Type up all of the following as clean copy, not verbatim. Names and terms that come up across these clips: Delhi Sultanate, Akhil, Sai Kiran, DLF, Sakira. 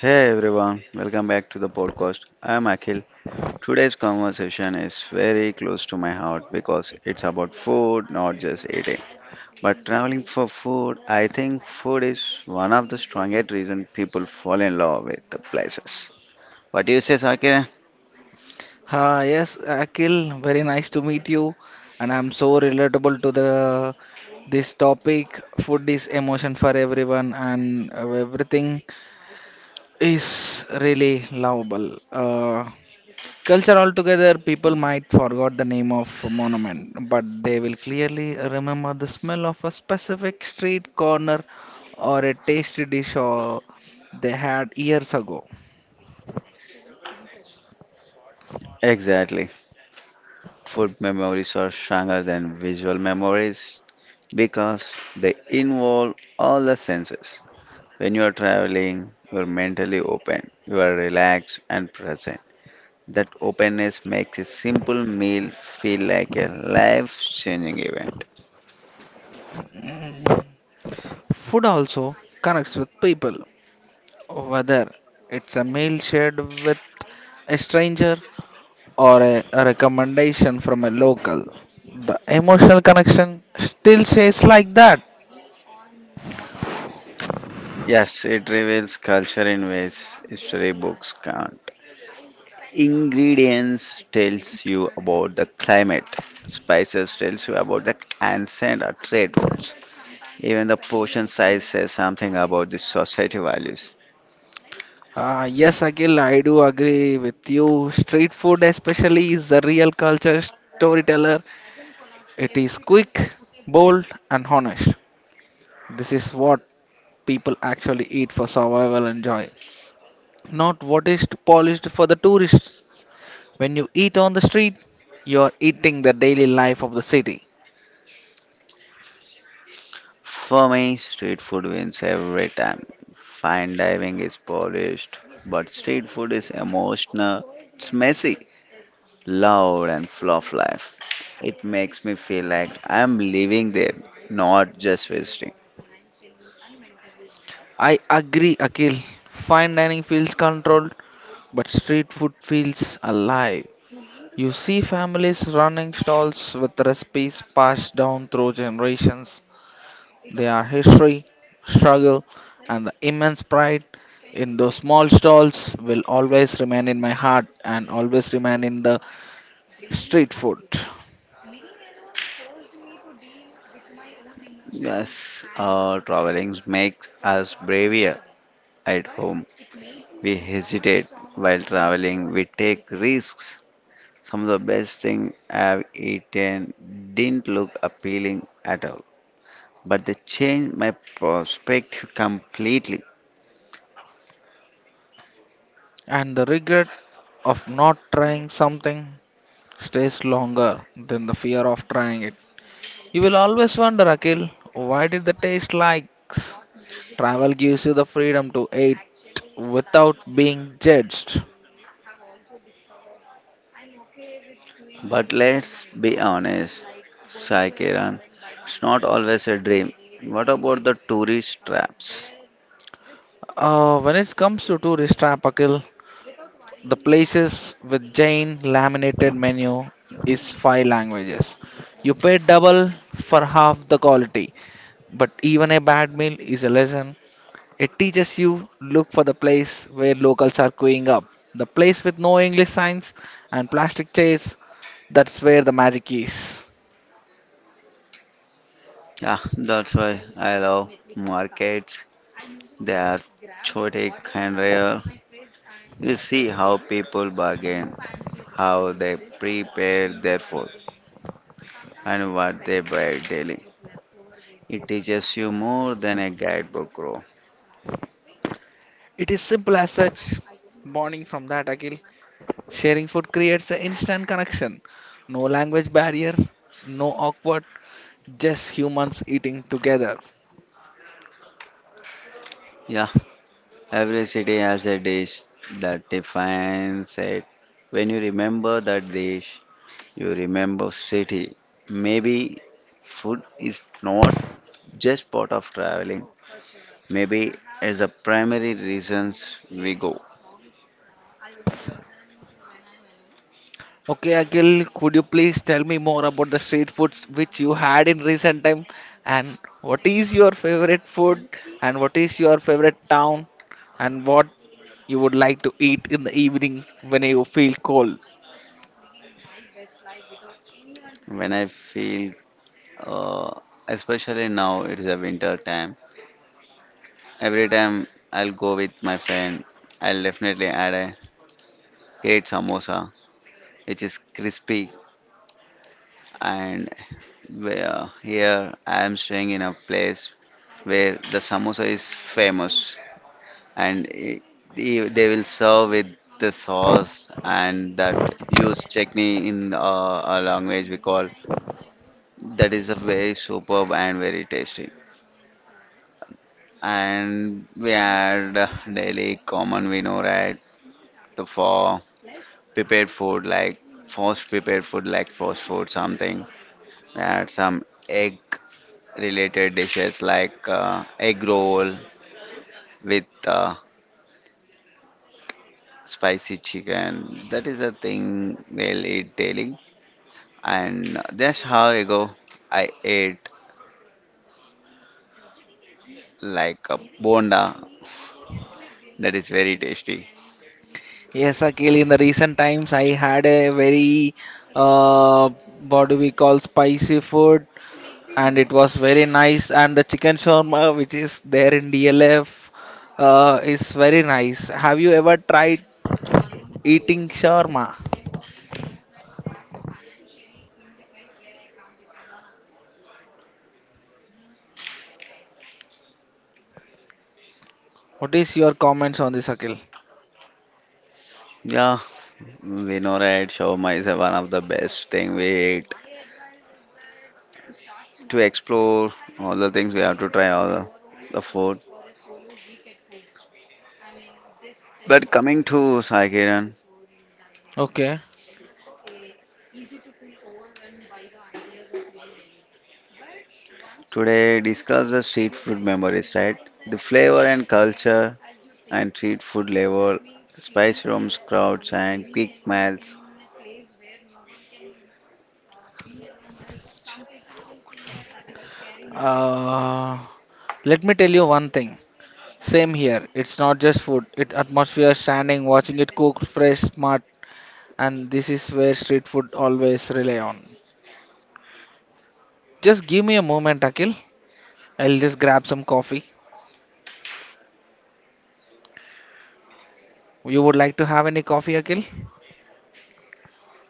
Hey everyone, welcome back to the podcast. I am Akhil. Today's conversation is very close to my heart because it's about food, not just eating. But traveling for food, I think food is one of the strongest reasons people fall in love with the places. What do you say, Sakira? Yes, Akhil, very nice to meet you, and I'm so relatable to the this topic. Food is emotion for everyone, and everything is really lovable. Culture altogether, people might forgot the name of a monument, but they will clearly remember the smell of a specific street corner or a tasty dish or they had years ago. Exactly. Food memories are stronger than visual memories because they involve all the senses. When you are traveling, you are mentally open, you are relaxed and present. That openness makes a simple meal feel like a life-changing event. Mm, food also connects with people. Whether it's a meal shared with a stranger or a recommendation from a local. The emotional connection still stays like that. Yes, it reveals culture in ways history books can't. Ingredients tells you about the climate. Spices tells you about the ancient or trade routes. Even the portion size says something about the society values. Yes, Akhil, I do agree with you. Street food, especially, is the real culture storyteller. It is quick, bold, and honest. This is what people actually eat for survival and joy, not what is polished for the tourists. When you eat on the street, you are eating the daily life of the city. For me, street food wins every time. Fine dining is polished, but street food is emotional. It's messy, loud and full of life. It makes me feel like I am living there, not just visiting. I agree, Akhil. Fine dining feels controlled, but street food feels alive. You see families running stalls with recipes passed down through generations. They are history, struggle, and the immense pride in those small stalls will always remain in my heart and always remain in the street food. Yes, traveling makes us braver at home. We hesitate while traveling, we take risks. Some of the best things I've eaten didn't look appealing at all, but they changed my perspective completely. And the regrets of not trying something stays longer than the fear of trying it. You will always wonder, Akhil, why did the taste likes? Travel gives you the freedom to eat without being judged. But let's be honest, Sai Kiran, it's not always a dream. What about the tourist traps? When it comes to tourist trap, Akhil, the places with Jain laminated menu is five languages. You pay double for half the quality, but even a bad meal is a lesson. It teaches you look for the place where locals are queuing up, the place with no English signs and plastic chairs. That's where the magic is. Yeah, that's why I love markets. They are chaotic and real. You see how people bargain, how they prepare their food, and what they buy daily. It teaches you more than a guidebook, bro. It is simple as such. Bonding from that, Akhil. Sharing food creates an instant connection. No language barrier, no awkward, just humans eating together. Yeah, every city has a dish that defines it. When you remember that dish, you remember city. Maybe food is not just part of traveling. Maybe it's the primary reasons we go. Okay, Akhil, could you please tell me more about the street foods which you had in recent time and what is your favorite food and what is your favorite town and what you would like to eat in the evening when you feel cold? When I feel, uh, especially now, it is a winter time. Every time I'll go with my friend, I'll definitely add a great samosa, which is crispy. And where here I am staying in a place where the samosa is famous, and it, they will serve with the sauce and that used chutney in our language we call. That is a very superb and very tasty. And we had daily common vino right the four prepared food like fast prepared food like fast food something and some egg related dishes like egg roll with spicy chicken, that is the thing they'll eat daily, and that's how I go. I ate like a bonda, that is very tasty. Yes, Akhil, in the recent times I had a very uh, what do we call spicy food, and it was very nice, and the chicken shawarma which is there in DLF is very nice. Have you ever tried eating shawarma? What is your comments on this, Akhil? Yeah, we know right, shawarma is one of the best thing we ate to explore all the things. We have to try all the food. But coming to Sai Kiran, Okay. today discuss the street food memories, right? The flavor and culture and street food level, spice rooms, crowds, and quick meals. Uh, Let me tell you one thing. Same here. It's not just food. It atmosphere, standing, watching it cook, fresh, smart, and this is where street food always rely on. Just give me a moment, Akhil. I'll just grab some coffee. You would like to have any coffee, Akhil?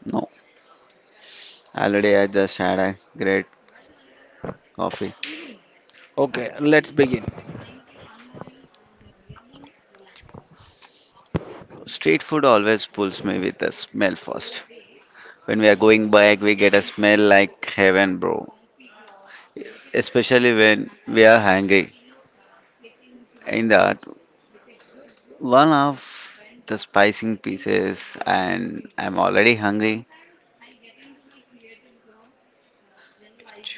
No, already I just had a great coffee. Okay, let's begin. Street food always pulls me with the smell first. When we are going back, we get a smell like heaven, bro. Especially when we are hungry. In that, one of the spicing pieces, and I'm already hungry.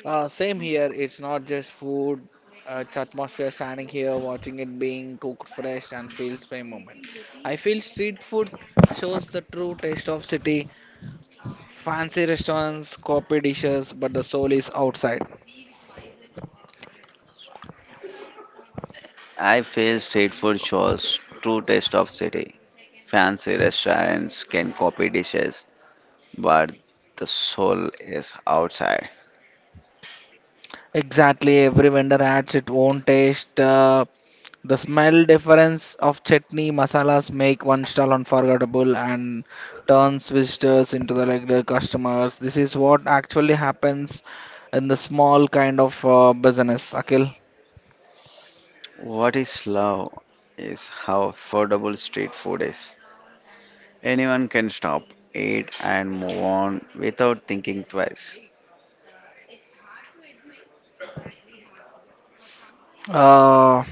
Same here. It's not just food. It's atmosphere standing here, watching it being cooked fresh and feels by moment. I feel street food shows the true taste of city. Fancy restaurants copy dishes, but the soul is outside. I feel street food shows true taste of city. Fancy restaurants can copy dishes, but the soul is outside. Exactly, every vendor adds its own taste. The smell difference of chutney masalas make one stall unforgettable and turns visitors into the regular customers. This is what actually happens in the small kind of business, Akhil. What is love is how affordable street food is. Anyone can stop, eat, and move on without thinking twice. uh,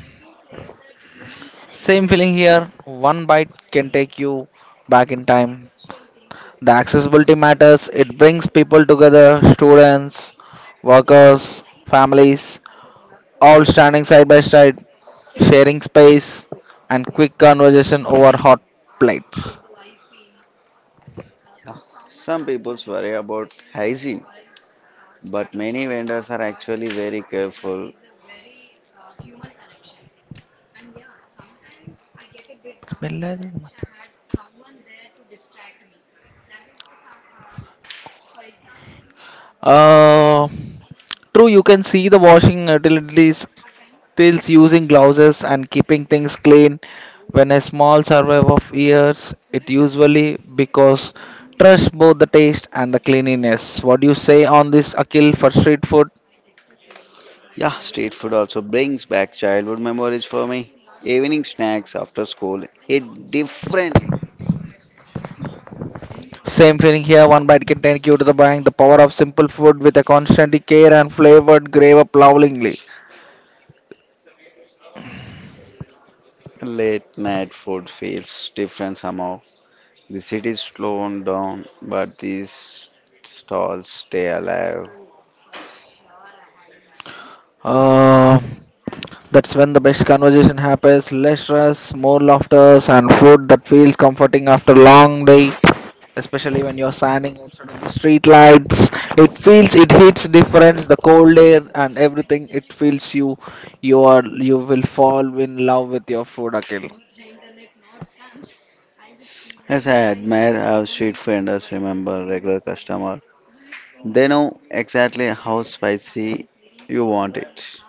Same feeling here. One bite can take you back in time. The accessibility matters. It brings people together, students, workers, families, all standing side by side, sharing space, and quick conversation over hot plates. Some people worry about hygiene, but many vendors are actually very careful. Uh, True, you can see the washing utilities still using glasses and keeping things clean. When a small survey of years, it usually because trust both the taste and the cleanliness. What do you say on this, Akil, for street food? Yeah, street food also brings back childhood memories for me. Evening snacks after school hit different. Same feeling here. One bite can take you to the bank. The power of simple food with a constant care and flavored grave up lovingly. Late night food feels different somehow. The city's slowing down, but these stalls stay alive. Uh, that's when the best conversation happens. Less stress, more laughter, and food that feels comforting after long day. Especially when you're standing outside in the street lights, it feels it hits difference. The cold air and everything, it feels you. You are you will fall in love with your food, Akhil. Yes, I admire how street vendors remember regular customer. They know exactly how spicy you want it.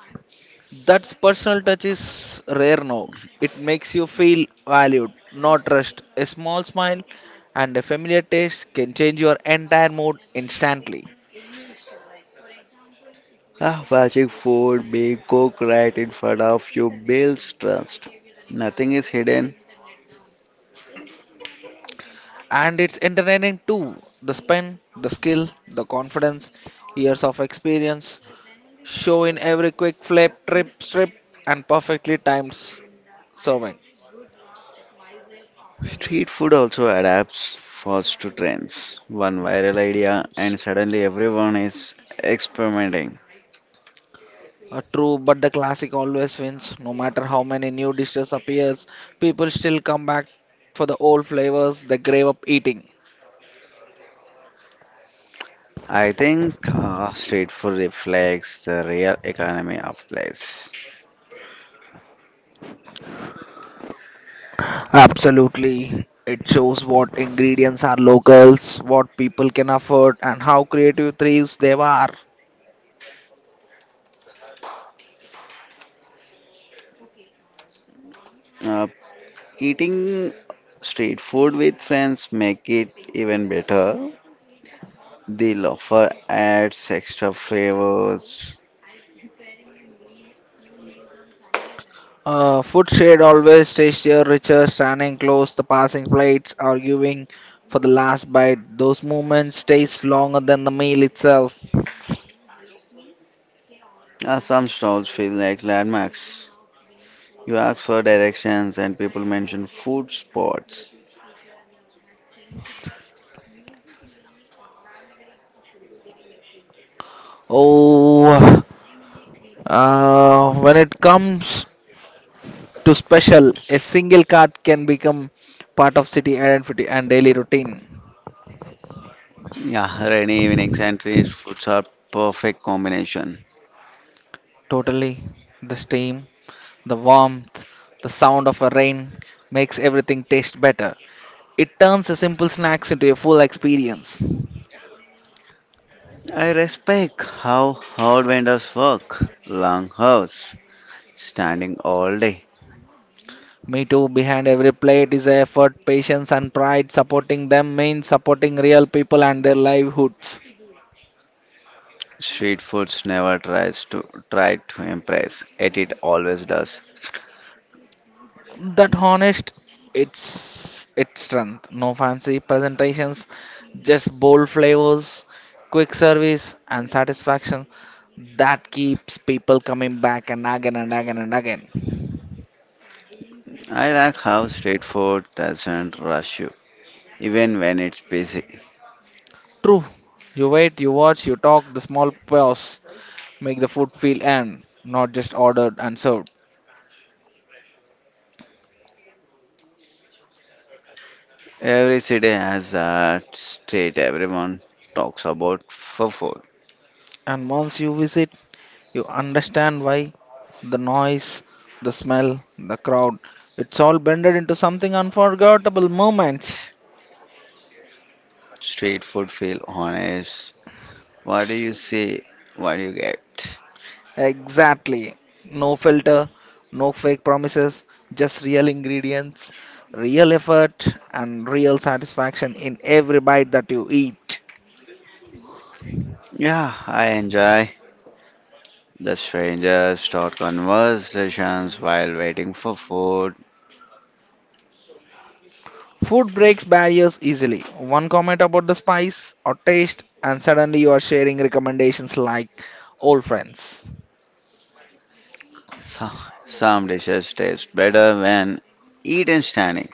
That personal touch is rare now. It makes you feel valued, not rushed. A small smile and a familiar taste can change your entire mood instantly. Ah, watching food being cooked right in front of you builds trust. Nothing is hidden. And it's entertaining too. The spin, the skill, the confidence, years of experience, show in every quick flip, trip, strip, and perfectly timed serving. Street food also adapts fast to trends. One viral idea and suddenly everyone is experimenting. True, but the classic always wins. No matter how many new dishes appears, people still come back for the old flavors they grave up eating. I think street food reflects the real economy of place. Absolutely. It shows what ingredients are locals, what people can afford, and how creative thieves they are. Uh, Eating street food with friends make it even better. The loafer adds extra flavors. Food shared always tastier, richer, standing close, the passing plates, arguing for the last bite. Those moments taste longer than the meal itself. Some stalls feel like landmarks. You ask for directions and people mention food spots. Oh, when it comes to special, a single card can become part of city identity and daily routine. Yeah, rainy evenings and street foods are perfect combination. Totally, the steam, the warmth, the sound of a rain makes everything taste better. It turns a simple snacks into a full experience. I respect how hard vendors work. Long hours, standing all day. Me too. Behind every plate is effort, patience, and pride. Supporting them means supporting real people and their livelihoods. Street foods never tries to try to impress. It always does. That honest, it's its strength. No fancy presentations, just bold flavors, quick service, and satisfaction. That keeps people coming back and again and again and again. I like how straightforward doesn't rush you, even when it's busy. True. You wait, you watch, you talk. The small pause make the food feel earned, not just ordered and served. Every city has that street everyone talks about for food. And once you visit, you understand why the noise, the smell, the crowd, it's all blended into something unforgettable moments. Street food feel honest. What do you see? What do you get? Exactly. No filter, no fake promises, just real ingredients, real effort, and real satisfaction in every bite that you eat. Yeah, I enjoy the strangers start conversations while waiting for food. Food breaks barriers easily. One comment about the spice or taste, and suddenly you are sharing recommendations like old friends. So, some dishes taste better when eaten standing.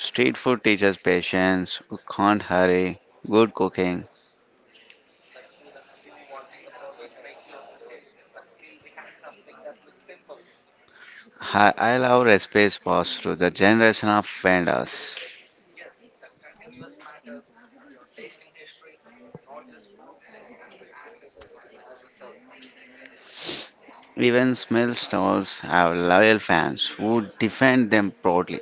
Street food teaches patience, you can't hurry good cooking. Hi, I love recipes passed through the generation of vendors. Even small stalls have loyal fans who defend them proudly.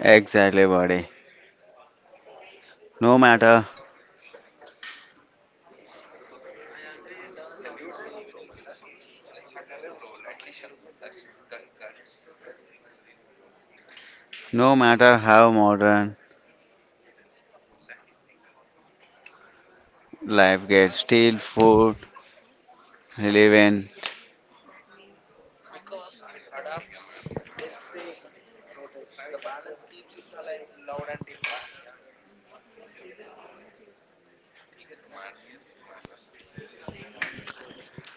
Exactly, buddy. No matter, no matter how modern life gets, still food, live in.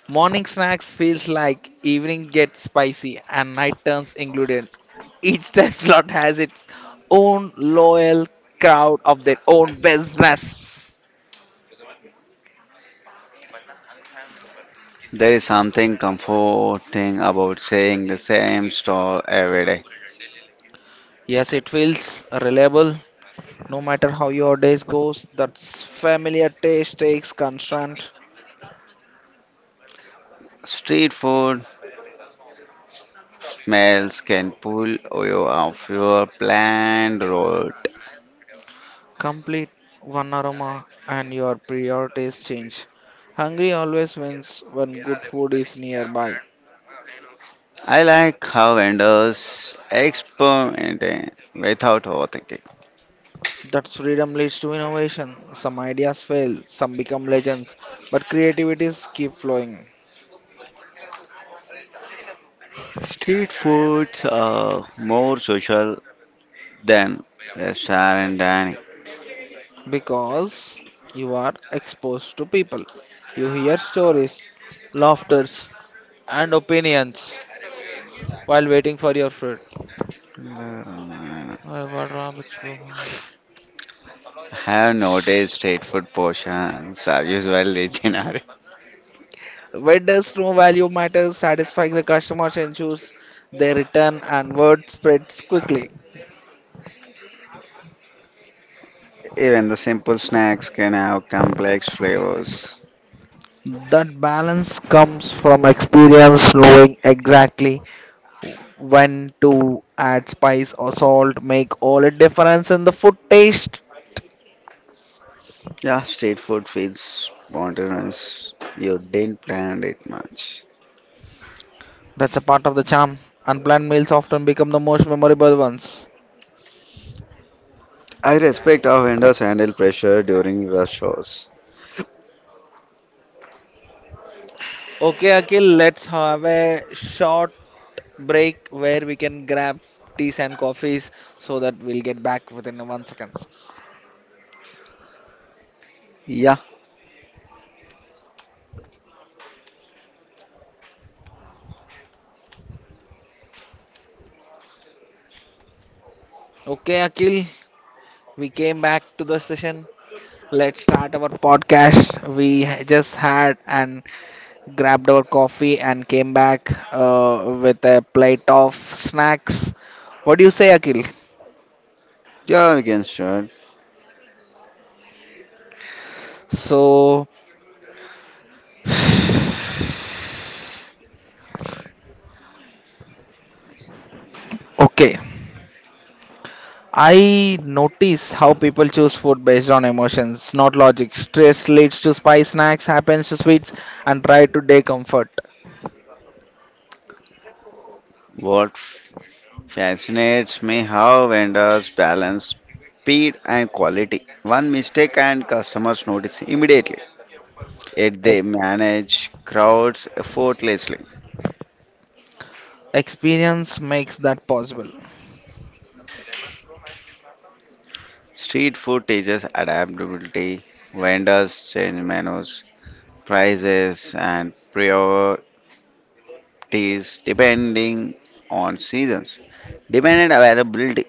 Morning snacks feels like evening gets spicy and night turns included. Each time slot has its own loyal crowd of their own business. There is something comforting about saying the same stall every day. Yes, it feels reliable. No matter how your days goes, that familiar taste takes constant, Street food smells can pull you off your planned route. complete one aroma and your priorities change. Hungry always wins when good food is nearby. I like how vendors experiment without overthinking. That freedom leads to innovation. Some ideas fail, some become legends, but creativities keep flowing Street foods are more social than restaurant dining. because you are exposed to people. You hear stories, laughters, and opinions while waiting for your food. I अरे वाह रहा बच्चों। have noticed street को। food portions are usually generic. Vendors know value matters, satisfying the customers ensures their return and word spreads quickly. Even the simple snacks can have complex flavors. That balance comes from experience knowing exactly when to add spice or salt make all a difference in the food taste. Yeah, street food feels spontaneous. You didn't plan it much. That's a part of the charm. Unplanned meals often become the most memorable ones. I respect how vendors handle pressure during rush hours. Okay, Akhil, let's have a short break where we can grab teas and coffees so that we'll get back within one seconds. Yeah, Okay, Akhil, we came back to the session. Let's start our podcast. We just had an grabbed our coffee, and came back with a plate of snacks. What do you say, Akhil? Yeah, we can start. So, okay. I notice how people choose food based on emotions, not logic. Stress leads to spice, snacks happens to sweets, and try to day comfort. What fascinates me how vendors balance speed and quality. One mistake and customers notice immediately. Yet they Ex- manage crowds effortlessly. Experience makes that possible. Street food teaches adaptability. Vendors change menus, prices, and priorities depending on seasons, demand and availability.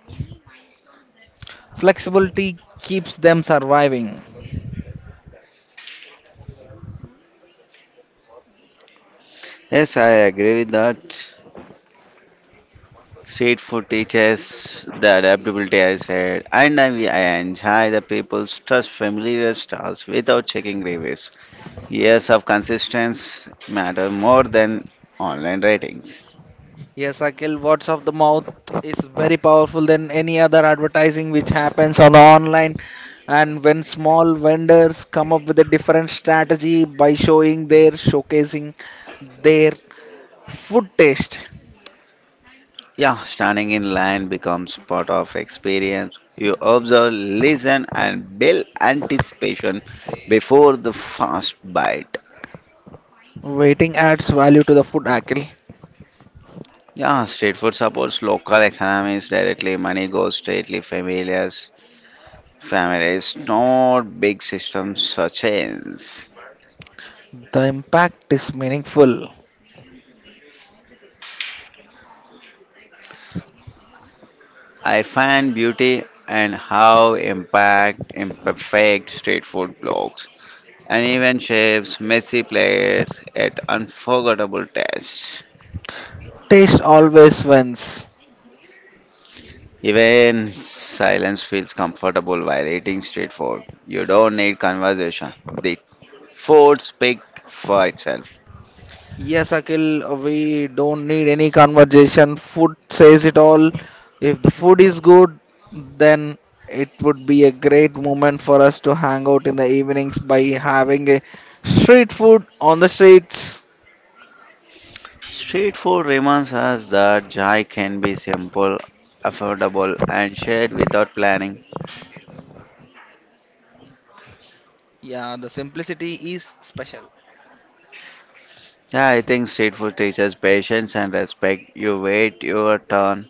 Flexibility keeps them surviving. Yes, I agree with that. Street food teaches the adaptability I said, and I enjoy the people's trust familiar styles without checking reviews. Years of consistency matter more than online ratings. Yes, Akhil, words of the mouth is very powerful than any other advertising which happens on online. And when small vendors come up with a different strategy by showing their showcasing their food taste, Yeah, standing in line becomes part of experience. You observe, listen, and build anticipation before the first bite. waiting adds value to the food, Akhil. Yeah, street food supports local economies directly. Money goes straightly familiars families, not big systems or chains. The impact is meaningful. I find beauty in how impact imperfect street food blogs, uneven shapes, messy plates, at unforgettable tastes. Taste always wins. Even silence feels comfortable while eating street food. You don't need conversation. The food speaks for itself. Yes, Akhil, we don't need any conversation. Food says it all. If the food is good, then it would be a great moment for us to hang out in the evenings by having a street food on the streets. Street food reminds us that joy can be simple, affordable, and shared without planning. Yeah, the simplicity is special. Yeah, I think street food teaches patience and respect. You wait your turn,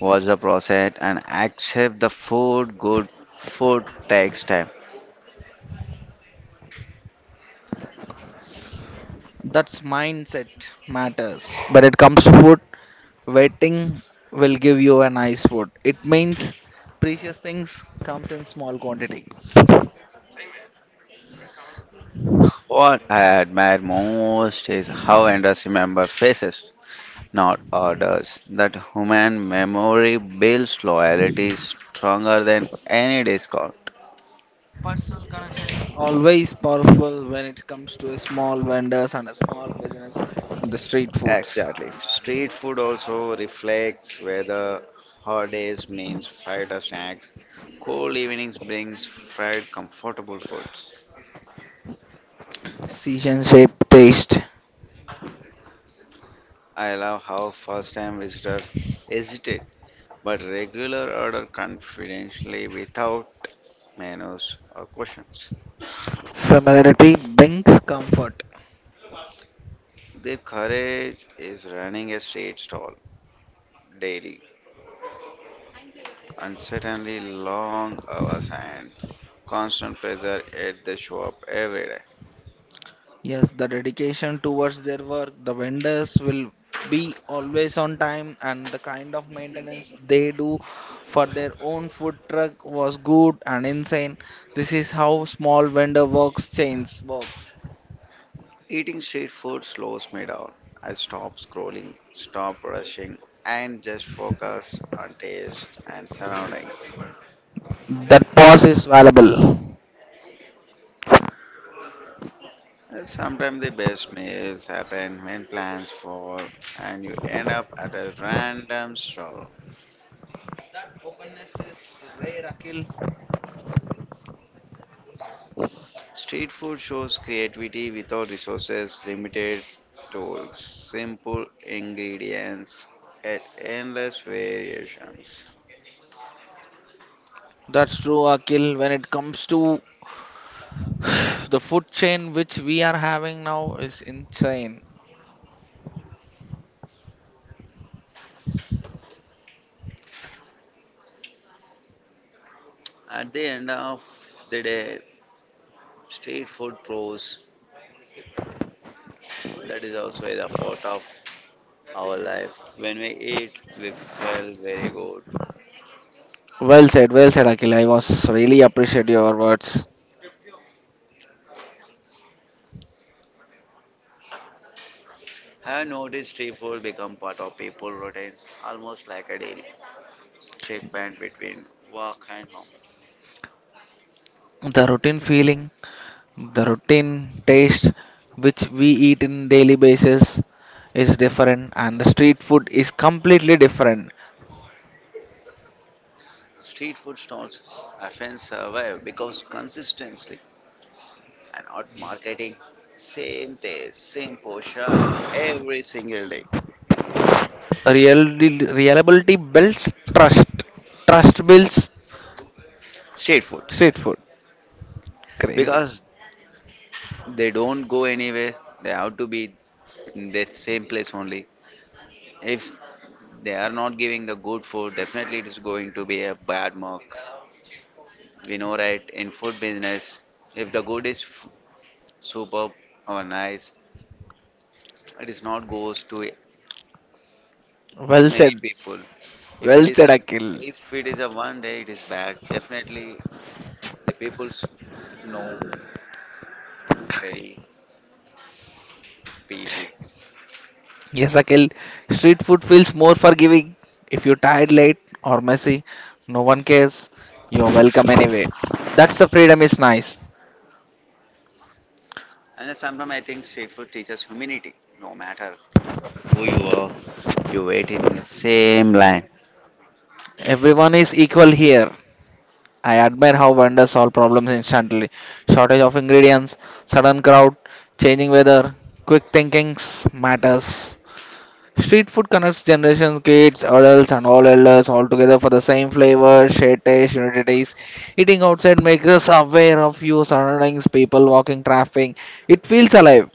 watch the process, and accept the food. Good food takes time. That's mindset matters. When it comes to food, waiting will give you a nice food. It means precious things comes in small quantity. What I admire most is how vendors remember faces, not orders. That human memory builds loyalty stronger than any discount. Personal connection is always powerful when it comes to a small vendors and a small business and the street foods. Exactly. Street food also reflects whether holidays means fighter snacks. Cool evenings brings fried comfortable foods. Season shape taste. I love how first time visitors hesitate but regular order confidentially without menus or questions. Familiarity brings comfort. Their courage is running a street stall daily, uncertainly long hours and constant pressure at the shop every day. Yes, the dedication towards their work, the vendors will be always on time and the kind of maintenance they do for their own food truck was good and insane. This is how small vendor works chains works. Eating street food slows me down. I stop scrolling, stop rushing, and just focus on taste and surroundings. That pause is valuable. Sometimes the best meals happen when plans fall and you end up at a random stall. That openness is rare, Akil. Street food shows creativity without resources, limited tools, simple ingredients, and endless variations. That's true, Akil. When it comes to the food chain which we are having now is insane. At the end of the day, street food proves that is also a part of our life. When we eat, we feel very good. Well said, Akil. I was really appreciate your words. Have noticed street food become part of people routines almost like a daily checkpoint between work and home. The routine feeling, the routine taste which we eat in daily basis is different, and the street food is completely different. Street food stalls often survive because consistency and not marketing. Same taste, same portion every single day. Reality, reliability builds trust. Trust builds Street foods street food. Crazy. because they don't go anywhere. They have to be in that same place only. If they are not giving the good food, definitely it is going to be a bad mark. We know, right? In food business, if the good is superb or nice, it is not goes to Well many said. people. If it Well is said, a, Akil. if it is a one day, it is bad. Definitely, the people's know very badly. Yes, Akhil, street food feels more forgiving. If you're tired, late, or messy, no one cares. You're welcome anyway. That's the freedom is nice. And then sometimes I think street food teaches humanity. No matter who you are, you wait in the same line. Everyone is equal here. I admire how vendors solve problems instantly. Shortage of ingredients, sudden crowd, changing weather, quick thinkings matters. Street food connects generations, kids, adults, and all elders all together for the same flavor, shared taste, unity taste. Eating outside makes us aware of your surroundings, people, walking, traffic. It feels alive.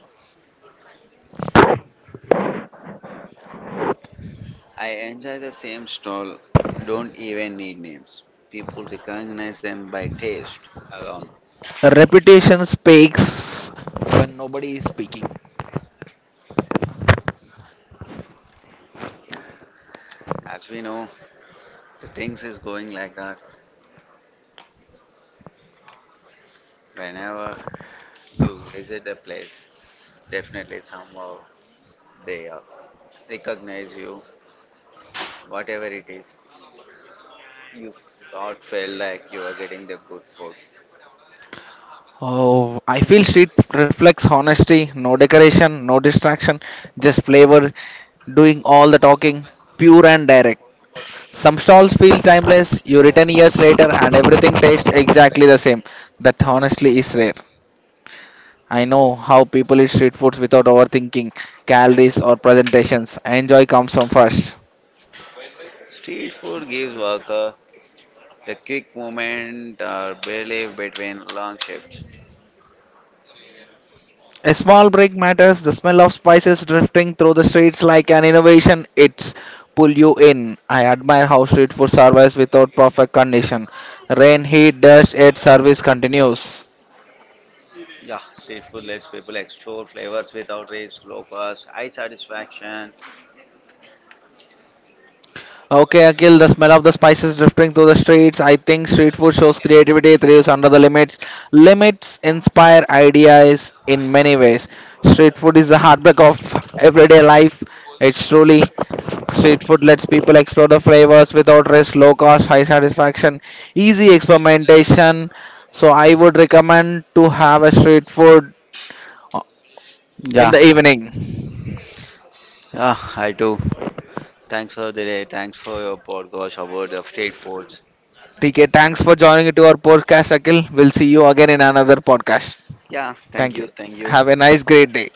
I enjoy the same stall. Don't even need names. People recognize them by taste alone. Reputation speaks when nobody is speaking. As we know, the things is going like that. Whenever you visit a place, definitely somehow they recognize you whatever it is, you not felt like you are getting the good food. Oh, I feel street reflects honesty, no decoration, no distraction, just flavor, doing all the talking, pure and direct. Some stalls feel timeless, you return years later and everything tastes exactly the same. That honestly is rare. I know how people eat street foods without overthinking calories or presentations. Enjoy comes from first. Street food gives worker a quick moment or relief between long shifts. A small break matters. The smell of spices drifting through the streets like an innovation, it's pull you in. I admire how street food survives without perfect condition. Rain, heat, dust, yet service continues. Yeah, street food lets people explore flavors without risk, low cost, high satisfaction. Okay, Akhil, the smell of the spices drifting through the streets. I think street food shows creativity, thrives under the limits. Limits inspire ideas in many ways. Street food is the heartbeat of everyday life. It's truly street food lets people explore the flavors without risk, low cost, high satisfaction, easy experimentation. So I would recommend to have a street food uh, in Yeah, the evening. Yeah, I do. Thanks for the day. Thanks for your podcast about the street foods. TK, thanks for joining to our podcast, Akhil. We'll see you again in another podcast. Yeah, thank Thank you. you. Thank you. Have a nice, great day.